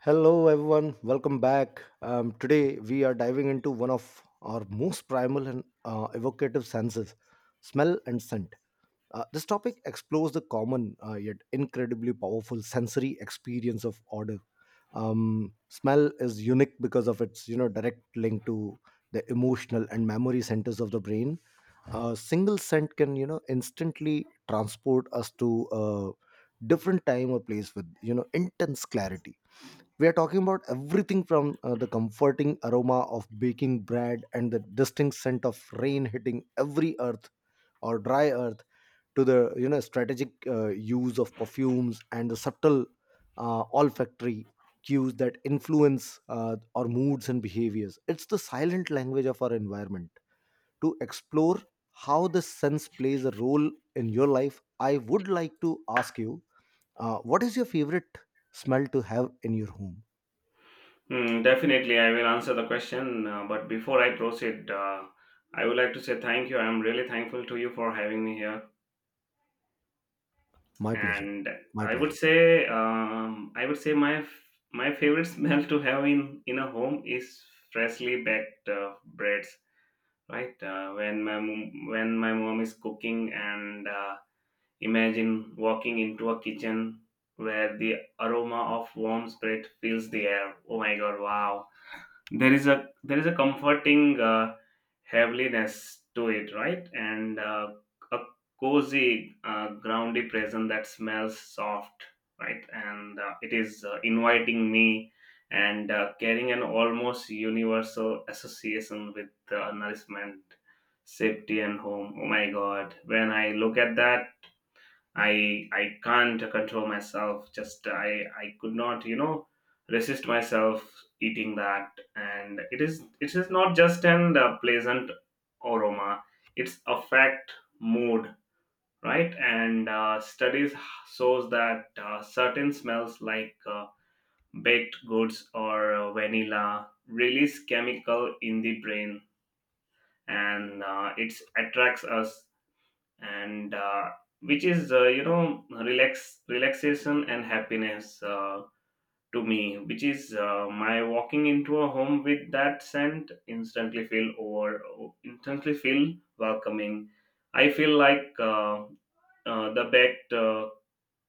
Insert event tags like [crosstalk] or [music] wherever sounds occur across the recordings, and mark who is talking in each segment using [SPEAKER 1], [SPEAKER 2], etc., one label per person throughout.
[SPEAKER 1] Hello, everyone. Welcome back. Today, we are diving into one of our most primal and evocative senses, smell and scent. This topic explores the common yet incredibly powerful sensory experience of odor. Smell is unique because of its direct link to the emotional and memory centers of the brain. A single scent can instantly transport us to a different time or place with intense clarity. We are talking about everything from the comforting aroma of baking bread and the distinct scent of rain hitting every earth or dry earth, to the strategic use of perfumes and the subtle olfactory cues that influence our moods and behaviors. It's the silent language of our environment. To explore how the sense plays a role in your life, I would like to ask you, what is your favorite smell to have in your home?
[SPEAKER 2] Mm, definitely, I will answer the question. But before I proceed, I would like to say thank you. I'm really thankful to you for having me here.
[SPEAKER 1] My pleasure.
[SPEAKER 2] And
[SPEAKER 1] My
[SPEAKER 2] I would
[SPEAKER 1] pleasure.
[SPEAKER 2] say, um, I would say my favorite [laughs] smell to have in a home is freshly baked breads. Right, when my mom is cooking, and imagine walking into a kitchen where the aroma of warm bread fills the air. Oh my God! Wow, there is a comforting heaviness to it, right, and a cozy groundy present that smells soft, right, and it is inviting me and carrying an almost universal association with nourishment, safety, and home. Oh my God, when I look at that, I can't control myself. Just I could not, resist myself eating that, and it is not just an pleasant aroma. It's affect mood, right? And studies shows that certain smells like baked goods or vanilla release chemical in the brain, and it attracts us and which is, relaxation and happiness, to me, which is, my walking into a home with that scent instantly feel welcoming. I feel like, the baked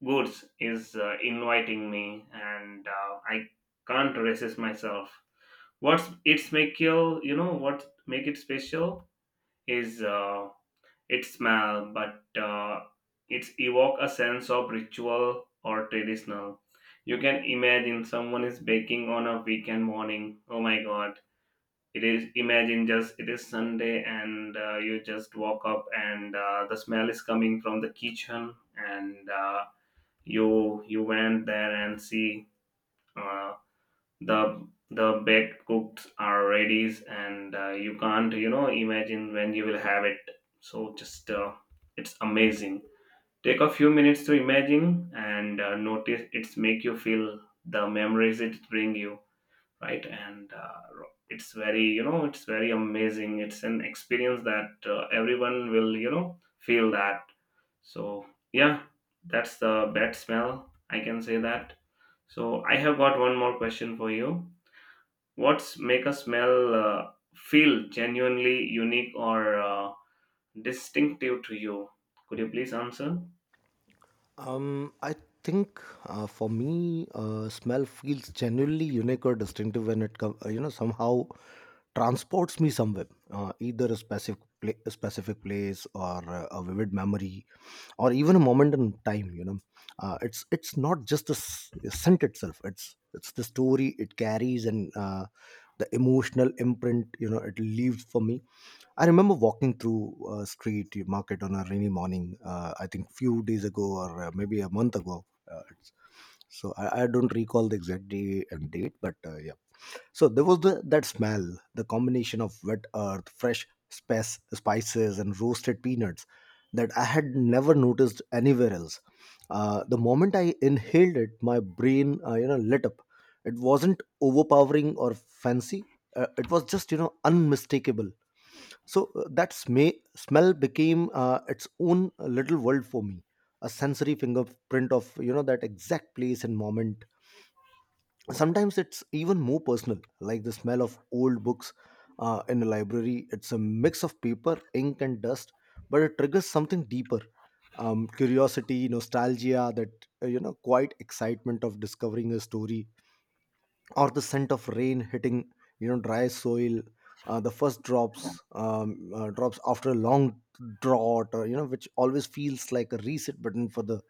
[SPEAKER 2] goods is inviting me, and I can't resist myself. What's it's make you, you know what make it special is, its smell, but it's evoke a sense of ritual or traditional. You can imagine someone is baking on a weekend morning. Oh my God! It is, imagine, just it is Sunday and you just walk up, and the smell is coming from the kitchen, and you went there and see. Uh, the baked cooks are ready, and you can't, imagine when you will have it. So just, it's amazing. Take a few minutes to imagine, and notice it's make you feel the memories it bring you, right. And it's very, it's very amazing. It's an experience that everyone will, feel that. So, yeah, that's the bad smell, I can say that. So I have got one more question for you. What's make a smell feel genuinely unique or distinctive to you? Could you please answer?
[SPEAKER 1] I think for me, smell feels genuinely unique or distinctive when it comes, somehow transports me somewhere, either a a specific place or a vivid memory, or even a moment in time. It's not just the scent itself; it's the story it carries and the emotional imprint. You know, it leaves for me. I remember walking through a street market on a rainy morning. I think few days ago, or maybe a month ago. Uh, it's, so I don't recall the exact day and date, but yeah. So there was that smell, the combination of wet earth, spices, and roasted peanuts that I had never noticed anywhere else. The moment I inhaled it, my brain, you know, lit up. It wasn't overpowering or fancy. It was just, you know, unmistakable. So that smell became its own little world for me, a sensory fingerprint of that exact place and moment. Sometimes it's even more personal, like the smell of old books in a library. It's a mix of paper, ink, and dust, but it triggers something deeper: curiosity, nostalgia, that you know, quite excitement of discovering a story, or the scent of rain hitting dry soil, the first drops, drops after a long drought, or which always feels like a reset button for the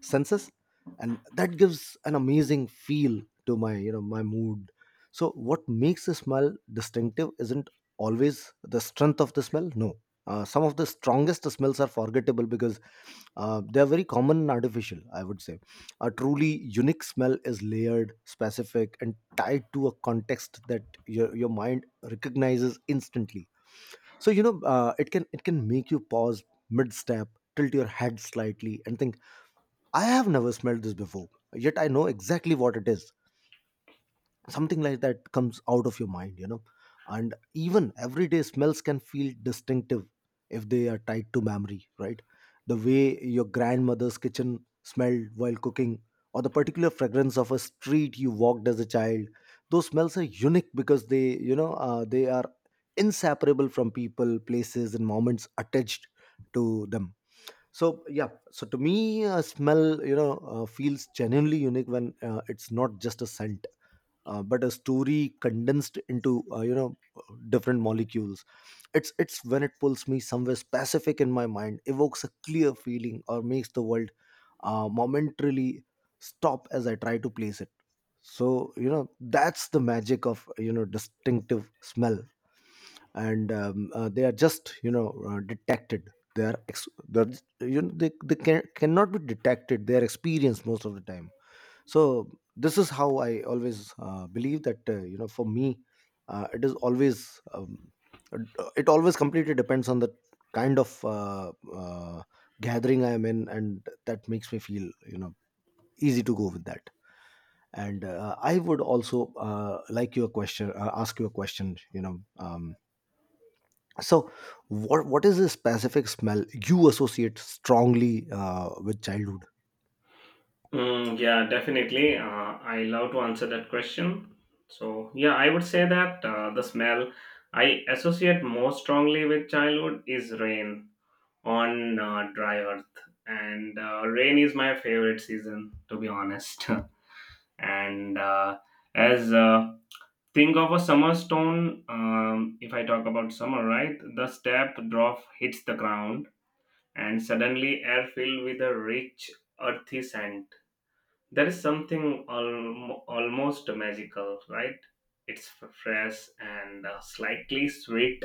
[SPEAKER 1] senses. And that gives an amazing feel to my, my mood. So what makes a smell distinctive isn't always the strength of the smell. No, some of the strongest smells are forgettable because they are very common and artificial, I would say. A truly unique smell is layered, specific, and tied to a context that your mind recognizes instantly. So it can make you pause mid step, tilt your head slightly, and think, I have never smelled this before, yet I know exactly what it is. Something like that comes out of your mind, you know. And even everyday smells can feel distinctive if they are tied to memory, right? The way your grandmother's kitchen smelled while cooking, or the particular fragrance of a street you walked as a child, those smells are unique because they are inseparable from people, places, and moments attached to them. So yeah, so to me, smell, feels genuinely unique when it's not just a scent, but a story condensed into, different molecules. It's when it pulls me somewhere specific in my mind, evokes a clear feeling, or makes the world momentarily stop as I try to place it. So you know, that's the magic of distinctive smell. And they are just detected. They are they can, cannot be detected, they are experienced most of the time. So this is how I always believe that, for me, it is always, it always completely depends on the kind of, gathering I am in, and that makes me feel, you know, easy to go with that. And I would also like your question, ask you a question, so what is the specific smell you associate strongly with childhood?
[SPEAKER 2] Mm, yeah, definitely. I love to answer that question. So, yeah, I would say that the smell I associate most strongly with childhood is rain on dry earth. And rain is my favorite season, to be honest. [laughs] And as think of a summer stone, if I talk about summer, right, the step drop hits the ground, and suddenly air filled with a rich, earthy scent. There is something almost magical, right. It's fresh and slightly sweet,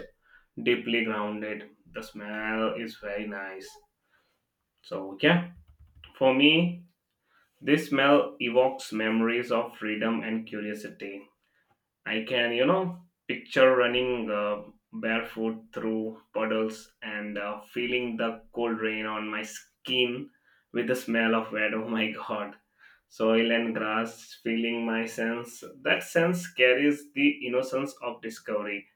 [SPEAKER 2] deeply grounded. The smell is very nice. So, yeah, for me, this smell evokes memories of freedom and curiosity. I can, picture running barefoot through puddles and feeling the cold rain on my skin with the smell of wet. [laughs] Oh my God. Soil and grass feeling my sense. That sense carries the innocence of discovery,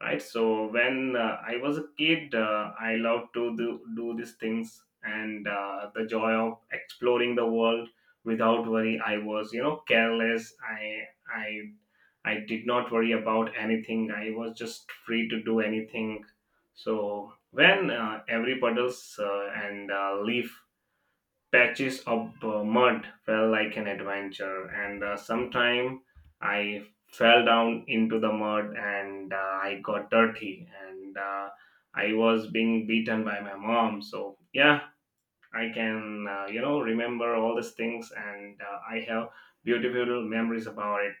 [SPEAKER 2] right? So when I was a kid, I loved to do these things, and the joy of exploring the world without worry. I was, careless. I did not worry about anything. I was just free to do anything. So when every puddles, and leaf, patches of mud felt like an adventure, and sometime I fell down into the mud, and I got dirty, and I was being beaten by my mom. So, yeah, I can, remember all these things, and I have beautiful memories about it.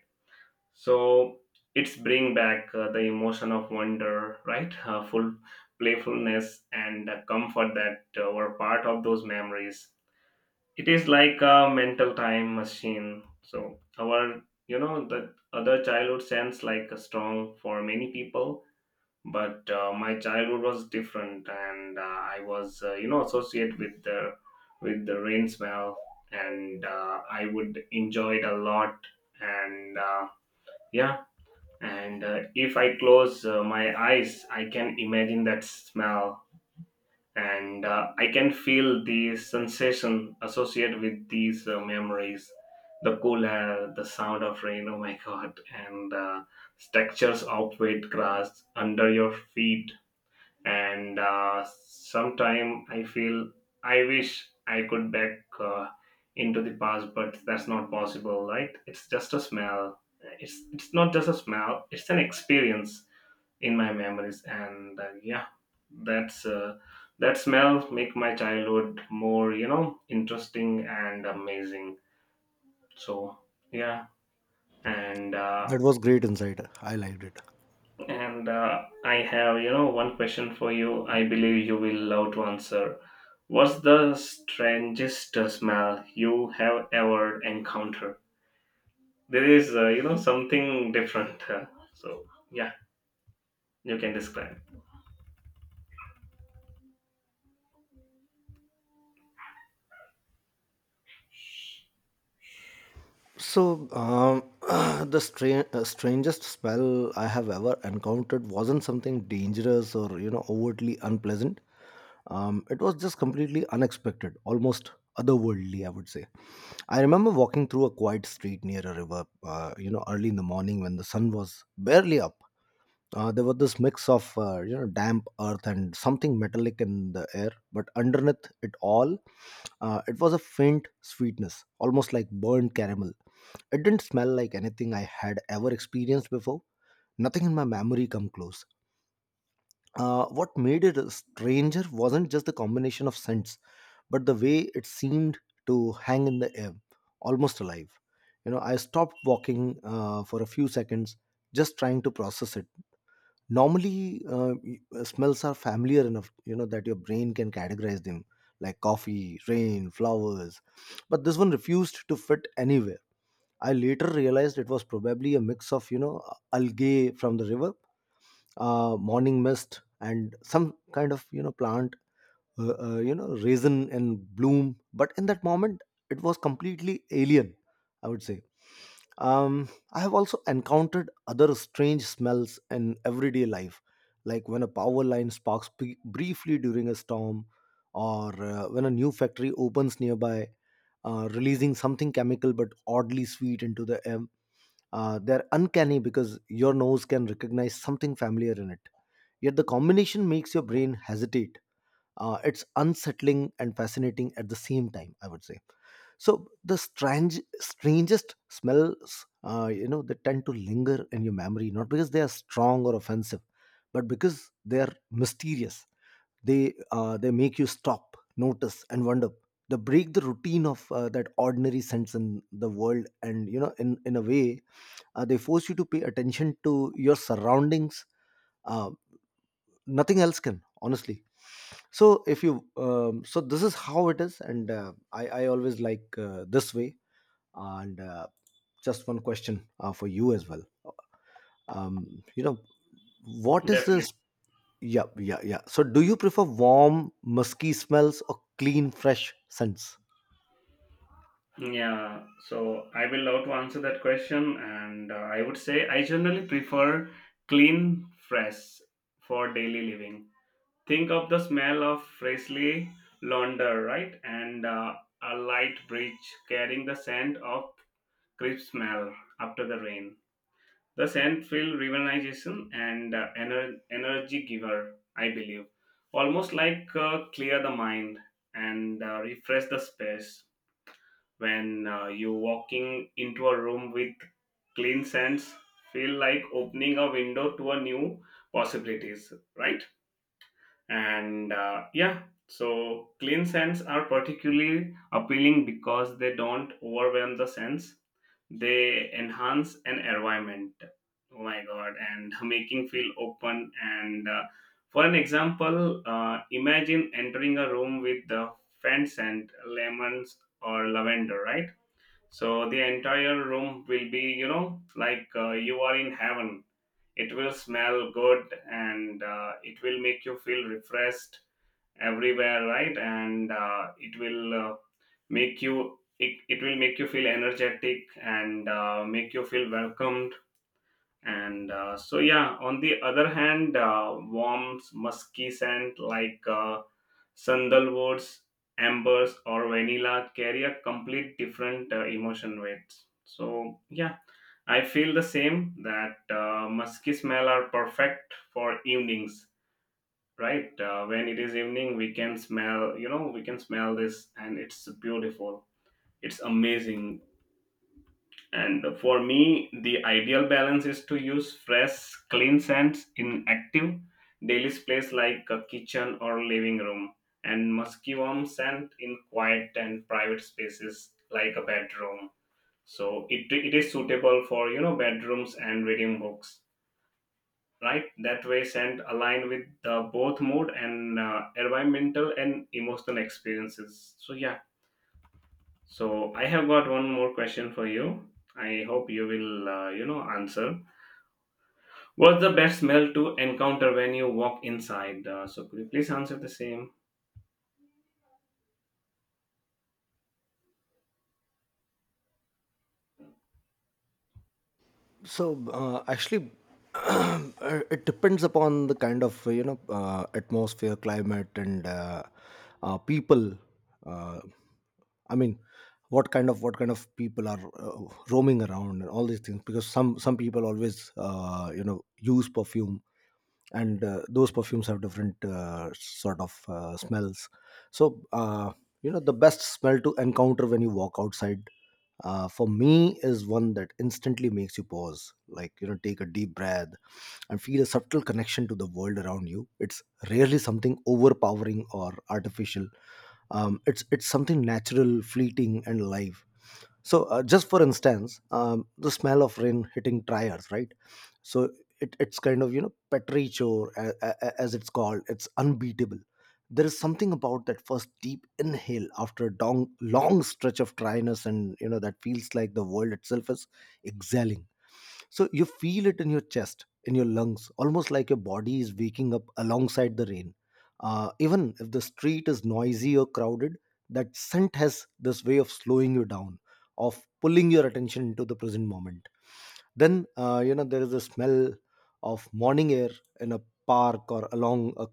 [SPEAKER 2] So it's bring back, the emotion of wonder, right? Full playfulness and comfort that were part of those memories. It is like a mental time machine. So, our, the other childhood sense like a strong for many people, but my childhood was different, and I was, associate with the, rain smell, and I would enjoy it a lot, and. Yeah, and if I close my eyes, I can imagine that smell, and I can feel the sensation associated with these memories, the cool air, the sound of rain. Oh my God. And textures of wet grass under your feet. And sometime I feel I wish I could back, into the past, but that's not possible, right? It's just a smell. It's not just a smell, it's an experience in my memories. And yeah, that's, that smell make my childhood more, interesting and amazing. So, yeah, and uh,
[SPEAKER 1] That was great insight, I liked it.
[SPEAKER 2] and I have, one question for you. I believe you will love to answer. What's the strangest smell you have ever encountered? There is, something different. So, yeah, you can describe.
[SPEAKER 1] So [clears throat] the strangest smell I have ever encountered wasn't something dangerous or, you know, overtly unpleasant. It was just completely unexpected, almost otherworldly, I would say. I remember walking through a quiet street near a river, you know, early in the morning when the sun was barely up. Uh, there was this mix of, damp earth and something metallic in the air, but underneath it all, it was a faint sweetness, almost like burnt caramel. It didn't smell like anything I had ever experienced before. Nothing in my memory come close. Uh, what made it stranger wasn't just the combination of scents, but the way it seemed to hang in the air, almost alive. You know, I stopped walking for a few seconds, just trying to process it. Normally, smells are familiar enough, you know, that your brain can categorize them, like coffee, rain, flowers, but this one refused to fit anywhere. I later realized it was probably a mix of, you know, algae from the river, morning mist, and some kind of, you know, plant, you know, raisin in bloom, but in that moment it was completely alien, I would say. I have also encountered other strange smells in everyday life, like when a power line sparks briefly during a storm, or when a new factory opens nearby, releasing something chemical but oddly sweet into the air. They're uncanny because your nose can recognize something familiar in it. Yet the combination makes your brain hesitate. It's unsettling and fascinating at the same time, I would say. So the strangest smells, you know, they tend to linger in your memory, not because they are strong or offensive, but because they are mysterious. They make you stop, notice, and wonder. They break the routine of that ordinary sense in the world, and you know, in a way, they force you to pay attention to your surroundings. Uh, nothing else can, honestly. So if you, so this is how it is, and I always like this way, and just one question for you as well. You know, what is
[SPEAKER 2] Definitely.
[SPEAKER 1] this? Yeah, yeah, yeah. So, do you prefer warm, musky smells or clean, fresh scents?
[SPEAKER 2] Yeah, so I will love to answer that question, and I would say I generally prefer clean, fresh for daily living. Think of the smell of freshly launder, right? And a light breeze carrying the scent of crisp smell after the rain. The scent feels rejuvenation and energy giver, I believe. Almost like, clear the mind and refresh the space. When you walking into a room with clean scents, feel like opening a window to a new possibilities, right? And yeah, so clean scents are particularly appealing because they don't overwhelm the sense, they enhance an environment. Oh my God. And [laughs] making feel open, and for an example, imagine entering a room with the faint scent lemons or lavender, right? So the entire room will be, like you are in heaven. It will smell good, and it will make you feel refreshed everywhere, right? And it will make you feel energetic, and make you feel welcomed. And so, yeah, on the other hand, warm musky scent like, sandalwoods, ambers, or vanilla carry a complete different emotion weight. So, yeah, I feel the same that musky smell are perfect for evenings, right? When it is evening, we can smell this, and it's beautiful, it's amazing. And for me, the ideal balance is to use fresh, clean scents in active daily space like a kitchen or living room, and musky warm scent in quiet and private spaces like a bedroom. So it is suitable for, bedrooms and reading books, right? That way scent align with both mood and environmental and emotional experiences. So, yeah, so I have got one more question for you. I hope you will, answer. What's the best smell to encounter when you walk inside? So could you please answer the same?
[SPEAKER 1] So actually, [clears throat] uh, it depends upon the kind of, you know, atmosphere, climate, and, people. Uh, I mean, what kind of people are roaming around and all these things? Because some people always, use perfume, and those perfumes have different sort of smells. So the best smell to encounter when you walk outside, for me, is one that instantly makes you pause, like, you know, take a deep breath and feel a subtle connection to the world around you. It's rarely something overpowering or artificial. It's something natural, fleeting, and alive. So just for instance, the smell of rain hitting tires, right? So it's kind of, you know, petrichor, as it's called, it's unbeatable. There is something about that first deep inhale after a long stretch of dryness, and you know, that feels like the world itself is exhaling. So you feel it in your chest, in your lungs, almost like your body is waking up alongside the rain. Uh, even if the street is noisy or crowded, that scent has this way of slowing you down, of pulling your attention into the present moment. Then, there is a smell of morning air in a park or along a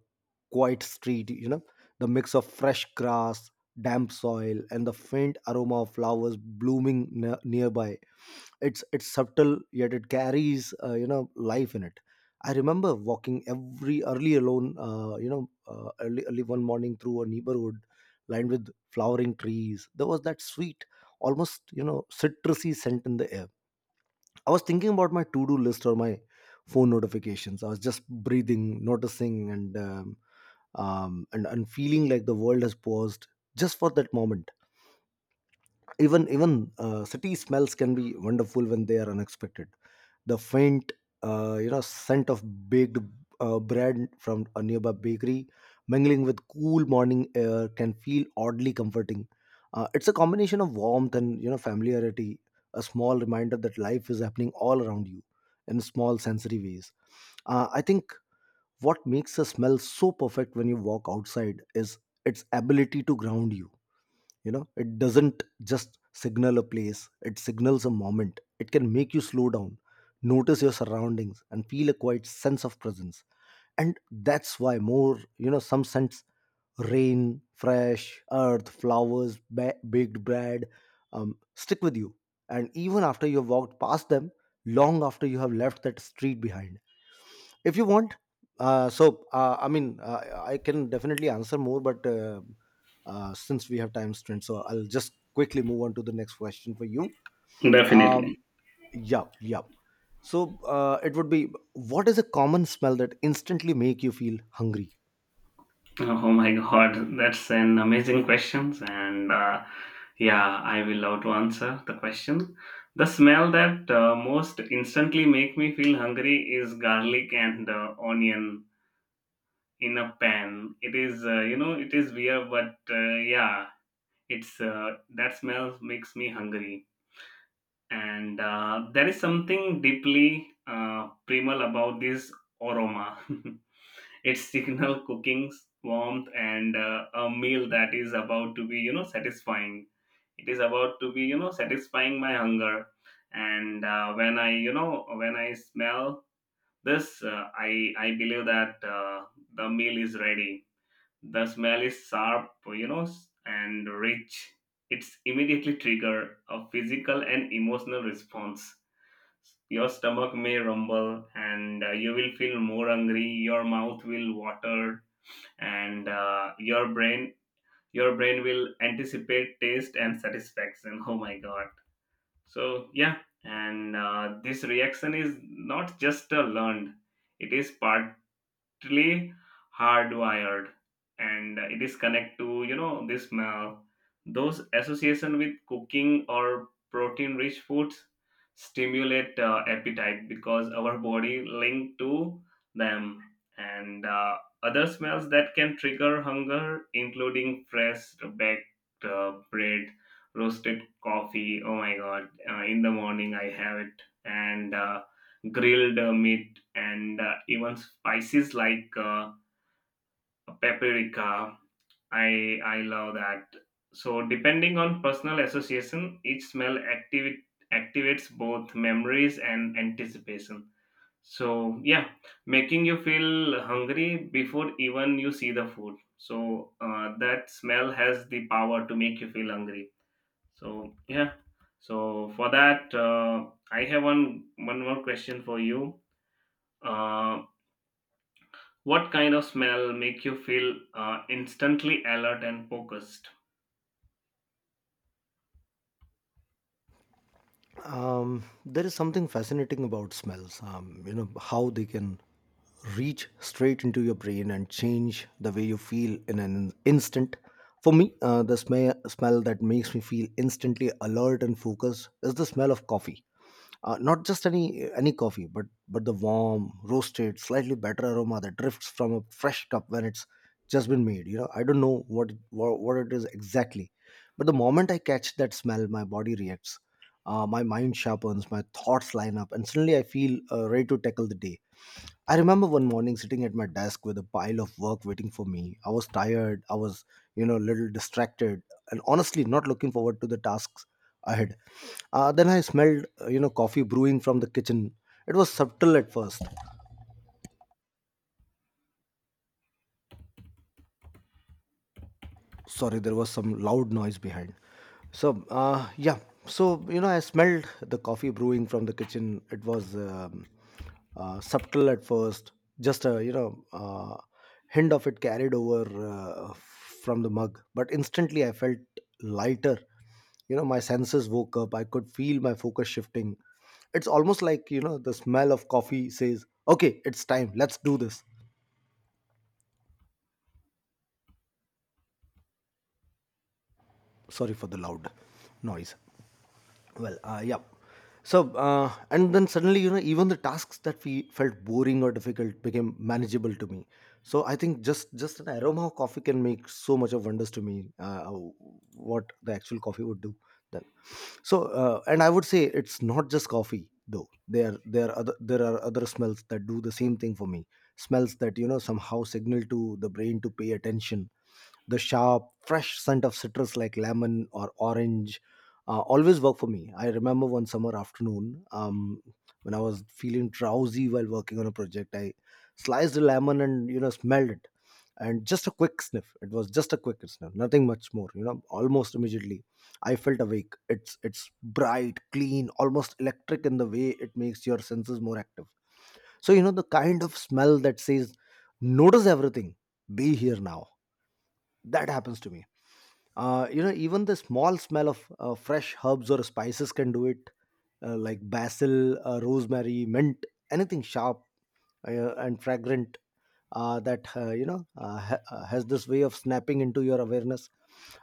[SPEAKER 1] quiet street, you know, the mix of fresh grass, damp soil, and the faint aroma of flowers blooming nearby. It's subtle, yet it carries, life in it. I remember walking every early alone, early one morning through a neighborhood lined with flowering trees. There was that sweet, almost, you know, citrusy scent in the air. I was thinking about my to do list or my phone notifications. I was just breathing, noticing, and feeling like the world has paused just for that moment. Even city smells can be wonderful when they are unexpected. The faint scent of baked bread from a nearby bakery mingling with cool morning air can feel oddly comforting. It's a combination of warmth and familiarity, a small reminder that life is happening all around you in small sensory ways. I think what makes a smell so perfect when you walk outside is its ability to ground you. You know, it doesn't just signal a place, it signals a moment. It can make you slow down, notice your surroundings, and feel a quiet sense of presence. And that's why more, you know, some scents, rain, fresh earth, flowers, baked bread, stick with you, and even after you have walked past them, long after you have left that street behind. If you want, uh, so uh, i mean uh, I can definitely answer more, but since we have time strength, so I'll just quickly move on to the next question for you. um,
[SPEAKER 2] Definitely.
[SPEAKER 1] yeah, yeah. So it would be, what is a common smell that instantly make you feel hungry?
[SPEAKER 2] [laughs] Oh my God, that's an amazing question. And yeah, I will love to answer the question. The smell that most instantly make me feel hungry is garlic and onion in a pan. It is weird, but yeah, it's, that smell makes me hungry. And there is something deeply primal about this aroma. [laughs] It signals cooking's [laughs] warmth, and a meal that is about to be, satisfying. It is about to be, satisfying my hunger. And when I smell this, I believe that the meal is ready. The smell is sharp, and rich. It's immediately trigger a physical and emotional response. Your stomach may rumble, and you will feel more hungry, your mouth will water, and your brain will anticipate taste and satisfaction. [laughs] Oh my God. So, yeah, and this reaction is not just a learned, it is part strictly hardwired, and it is connect to, this smell. Those association with cooking or protein rich foods stimulate appetite because our body link to them. And other smells that can trigger hunger including fresh baked bread, roasted coffee. Oh my God. In the morning I have it, and grilled meat, and even spices like paprika. I love that. So depending on personal association, each smell activates both memories and anticipation. So, yeah, making you feel hungry before even you see the food. So that smell has the power to make you feel hungry. So, yeah. So for that, I have one more question for you. Uh, What kind of smell make you feel instantly alert and focused?
[SPEAKER 1] There is something fascinating about smells. You know how they can reach straight into your brain and change the way you feel in an instant. For me, the smell that makes me feel instantly alert and focused is the smell of coffee. Not just any coffee, but the warm, roasted, slightly better aroma that drifts from a fresh cup when it's just been made. You know, I don't know what what it is exactly, but the moment I catch that smell, my body reacts. My mind sharpens, my thoughts line up, and suddenly I feel ready to tackle the day. I remember one morning sitting at my desk with a pile of work waiting for me. I was tired, I was, you know, a little distracted, and honestly not looking forward to the tasks ahead. Then I smelled, you know, coffee brewing from the kitchen. It was subtle at first. Sorry, there was some loud noise behind, so yeah. So you know, I smelled the coffee brewing from the kitchen. It was subtle at first, just a, you know, hint of it carried over from the mug, but instantly I felt lighter. You know, my senses woke up, I could feel my focus shifting. It's almost like, you know, the smell of coffee says, "Okay, it's time, let's do this." Sorry for the loud noise. Well, yeah. So and then suddenly, you know, even the tasks that we felt boring or difficult became manageable to me. So I think just an aroma of coffee can make so much of wonders to me. What the actual coffee would do then. So and I would say it's not just coffee though. There are other, there are other smells that do the same thing for me, smells that, you know, somehow signal to the brain to pay attention. The sharp, fresh scent of citrus like lemon or orange, always work for me. I remember one summer afternoon, when I was feeling drowsy while working on a project, I sliced a lemon and, you know, smelled it, and just a quick sniff. It was just a quick sniff, nothing much more. You know, almost immediately, I felt awake. It's bright, clean, almost electric in the way it makes your senses more active. So you know, the kind of smell that says, "Notice everything, be here now." That happens to me. You know, even the small smell of fresh herbs or spices can do it, like basil, rosemary, mint, anything sharp and fragrant that has this way of snapping into your awareness.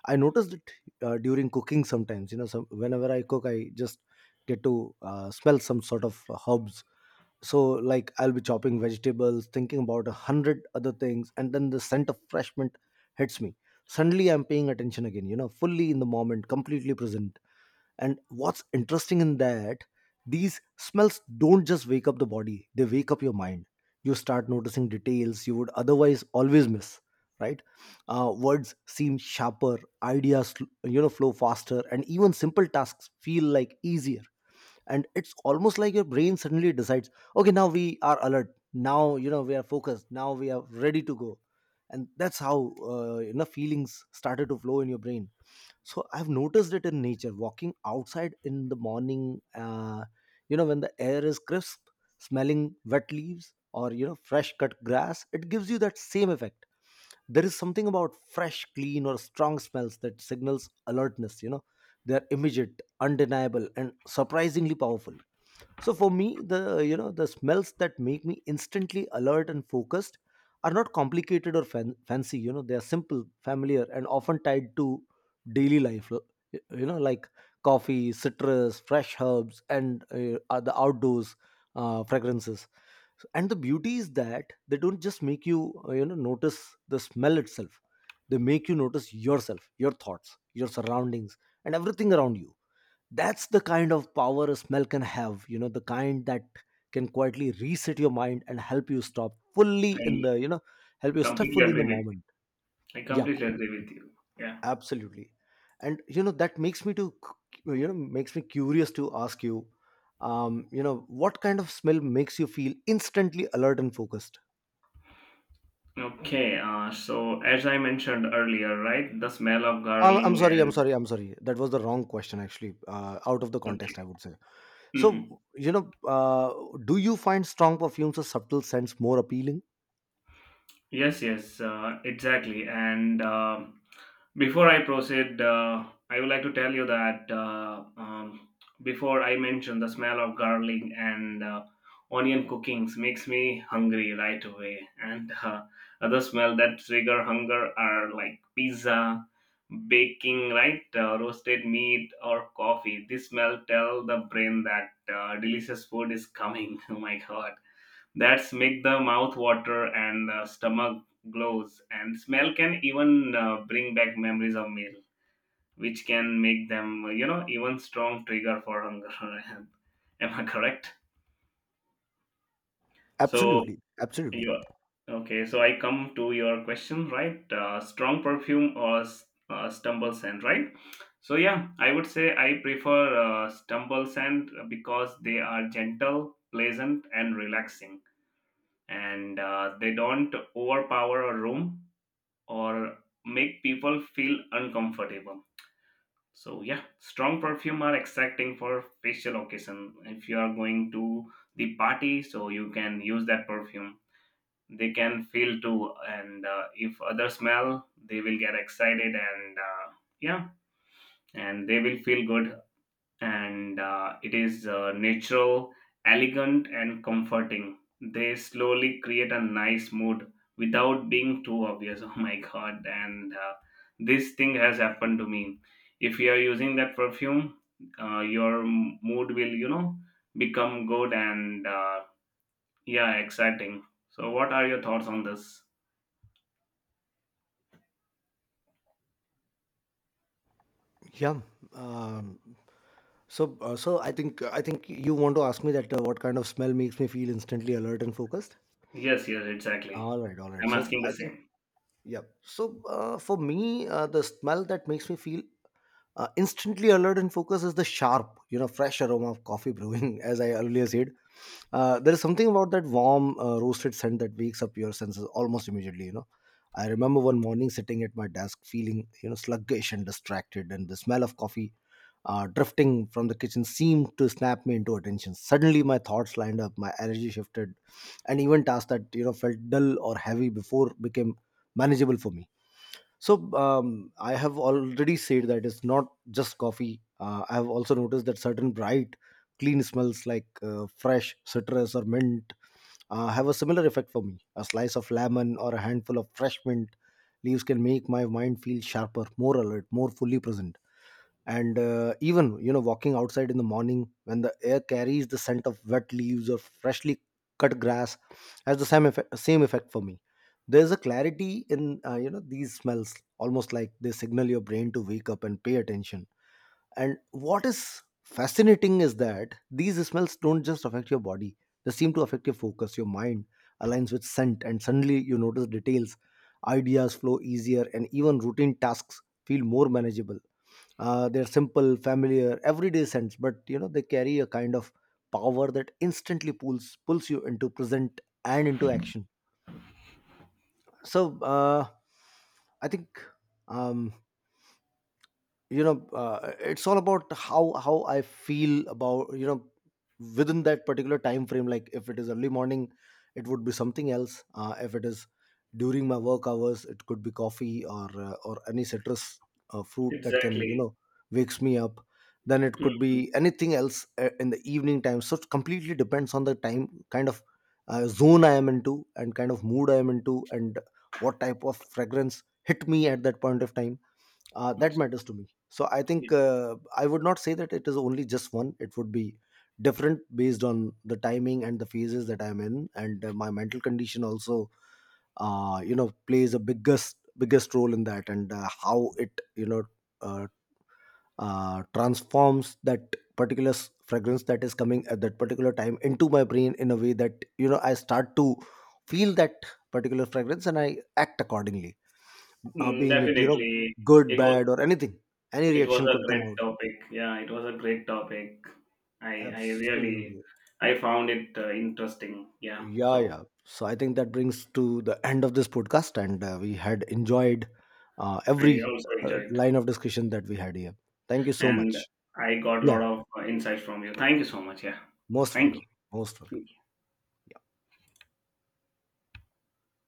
[SPEAKER 1] I noticed it during cooking sometimes. You know whenever I cook, I just get to smell some sort of herbs. So like I'll be chopping vegetables, thinking about a hundred other things, and then the scent of fresh mint hits me. Suddenly I'm paying attention again, you know, fully in the moment, completely present. And what's interesting in that, these smells don't just wake up the body, they wake up your mind. You start noticing details you would otherwise always miss, right? Words seem sharper, ideas, you know, flow faster, and even simple tasks feel like easier. And it's almost like your brain suddenly decides, okay, now we are alert, now, you know, we are focused, now we are ready to go. And that's how, you know, feelings started to flow in your brain. So I've noticed it in nature, walking outside in the morning, you know, when the air is crisp, smelling wet leaves or, you know, fresh cut grass, it gives you that same effect. There is something about fresh, clean or strong smells that signals alertness, you know. They're immediate, undeniable, and surprisingly powerful. So for me, the, you know, the smells that make me instantly alert and focused are not complicated or fancy. You know, they are simple, familiar, and often tied to daily life. You know, like coffee, citrus, fresh herbs, and are the outdoors fragrances. And the beauty is that they don't just make you you know notice the smell itself. They make you notice yourself, your thoughts, your surroundings, and everything around you. That's the kind of power a smell can have, you know, the kind that can quietly reset your mind and help you stop fully in
[SPEAKER 2] I
[SPEAKER 1] the, help you stop
[SPEAKER 2] completely
[SPEAKER 1] fully in the
[SPEAKER 2] agree with
[SPEAKER 1] moment.
[SPEAKER 2] you. I
[SPEAKER 1] Yep,
[SPEAKER 2] completely agree with you. Yeah.
[SPEAKER 1] absolutely. And you know, that makes me to you know, makes me curious to ask you, you know, what kind of smell makes you feel instantly alert and focused?
[SPEAKER 2] Okay. So as I mentioned earlier, right, the smell of
[SPEAKER 1] I'm
[SPEAKER 2] garlic
[SPEAKER 1] sorry, i'm
[SPEAKER 2] and
[SPEAKER 1] sorry i'm sorry that was the wrong question actually, out of the
[SPEAKER 2] okay.
[SPEAKER 1] context, I would say. So
[SPEAKER 2] Hmm.
[SPEAKER 1] you know, do you find strong perfumes or subtle scents more appealing?
[SPEAKER 2] Yes. Yes. Exactly. And. Before I proceed, I would like to tell you that, before I mentioned the smell of garlic and onion cookings makes me hungry right away. And other smell that trigger hunger are like pizza, baking, right, roasted meat or coffee. This smell tell the brain that delicious food is coming. [laughs] Oh my God! That's make the mouth water, and the stomach glows, and smell can even bring back memories of meal, which can make them, even strong trigger for hunger. [laughs] Am I correct? So
[SPEAKER 1] Absolutely, absolutely.
[SPEAKER 2] you, okay, so I come to your question, right? Strong perfume or stumble scent, right? So, yeah, I would say I prefer stumble scent because they are gentle, pleasant, and relaxing, and they don't overpower a room or make people feel uncomfortable. So, yeah, strong perfume are exciting for facial occasion. If you are going to the party, so you can use that perfume. They can feel too, and if others smell, they will get excited, and yeah, and they will feel good, and it is natural, elegant, and comforting. They slowly create a nice mood without being too obvious. [laughs] Oh my God! And this thing has happened to me. If you are using that perfume, your mood will, become good, and yeah, exciting. So, what are your thoughts on this?
[SPEAKER 1] Yeah. Um, so, I think you want to ask me that, what kind of smell makes me feel instantly alert and focused.
[SPEAKER 2] Yes, yes, exactly.
[SPEAKER 1] All right, all right.
[SPEAKER 2] I'm
[SPEAKER 1] So
[SPEAKER 2] asking the
[SPEAKER 1] I think,
[SPEAKER 2] same.
[SPEAKER 1] yeah. So for me, the smell that makes me feel instantly alert and focus is the sharp, you know, fresh aroma of coffee brewing, [laughs] as I earlier said. There is something about that warm roasted scent that wakes up your senses almost immediately, you know. I remember one morning sitting at my desk feeling, you know, sluggish and distracted, and the smell of coffee drifting from the kitchen seemed to snap me into attention. Suddenly, my thoughts lined up, my energy shifted, and even tasks that, you know, felt dull or heavy before became manageable for me. So I have already said that it's not just coffee. I have also noticed that certain bright, clean smells like fresh citrus or mint have a similar effect for me. A slice of lemon or a handful of fresh mint leaves can make my mind feel sharper, more alert, more fully present. And even, you know, walking outside in the morning when the air carries the scent of wet leaves or freshly cut grass has same effect for me. There's a clarity in, you know, these smells, almost like they signal your brain to wake up and pay attention. And what is fascinating is that these smells don't just affect your body, they seem to affect your focus. Your mind aligns with scent and suddenly you notice details, ideas flow easier, and even routine tasks feel more manageable. They're simple, familiar, everyday scents, but you know, they carry a kind of power that instantly pulls you into present and into action. So I think um, you know, it's all about how I feel about, you know, within that particular time frame. Like if it is early morning, it would be something else. If it is during my work hours, it could be coffee or any citrus fruit that can, you
[SPEAKER 2] Exactly.
[SPEAKER 1] know, wakes me up. Then it could be anything else in the evening time. So it completely depends on the time, kind of zone I am into, and kind of mood I am into, and what type of fragrance hit me at that point of time.
[SPEAKER 2] Mm.
[SPEAKER 1] That matters to me. So I think, I would not say that it is only just one. It would be different based on the timing and the phases that I'm in, and my mental condition also, you know, plays a biggest role in that. And how it, you know, uh, transforms that particular fragrance that is coming at that particular time into my brain in a way that, you know, I start to feel that particular fragrance, and I act accordingly,
[SPEAKER 2] Mm,
[SPEAKER 1] being it, you know,
[SPEAKER 2] definitely.
[SPEAKER 1] good,
[SPEAKER 2] It was
[SPEAKER 1] bad, or anything. Any
[SPEAKER 2] It was
[SPEAKER 1] reaction could
[SPEAKER 2] a
[SPEAKER 1] come
[SPEAKER 2] great
[SPEAKER 1] out.
[SPEAKER 2] topic. Yeah, it was a great topic. I I really
[SPEAKER 1] Absolutely.
[SPEAKER 2] I found it interesting. Yeah,
[SPEAKER 1] Yeah,
[SPEAKER 2] so
[SPEAKER 1] yeah. So I think that brings to the end of this podcast, and we had enjoyed
[SPEAKER 2] I
[SPEAKER 1] every
[SPEAKER 2] also enjoyed,
[SPEAKER 1] line of discussion that we had here. Thank you so
[SPEAKER 2] and
[SPEAKER 1] much.
[SPEAKER 2] I got a
[SPEAKER 1] Yeah,
[SPEAKER 2] lot
[SPEAKER 1] yeah.
[SPEAKER 2] of insights from you. Thank you so much. Yeah,
[SPEAKER 1] Most
[SPEAKER 2] thank
[SPEAKER 1] welcome, most welcome.
[SPEAKER 2] you.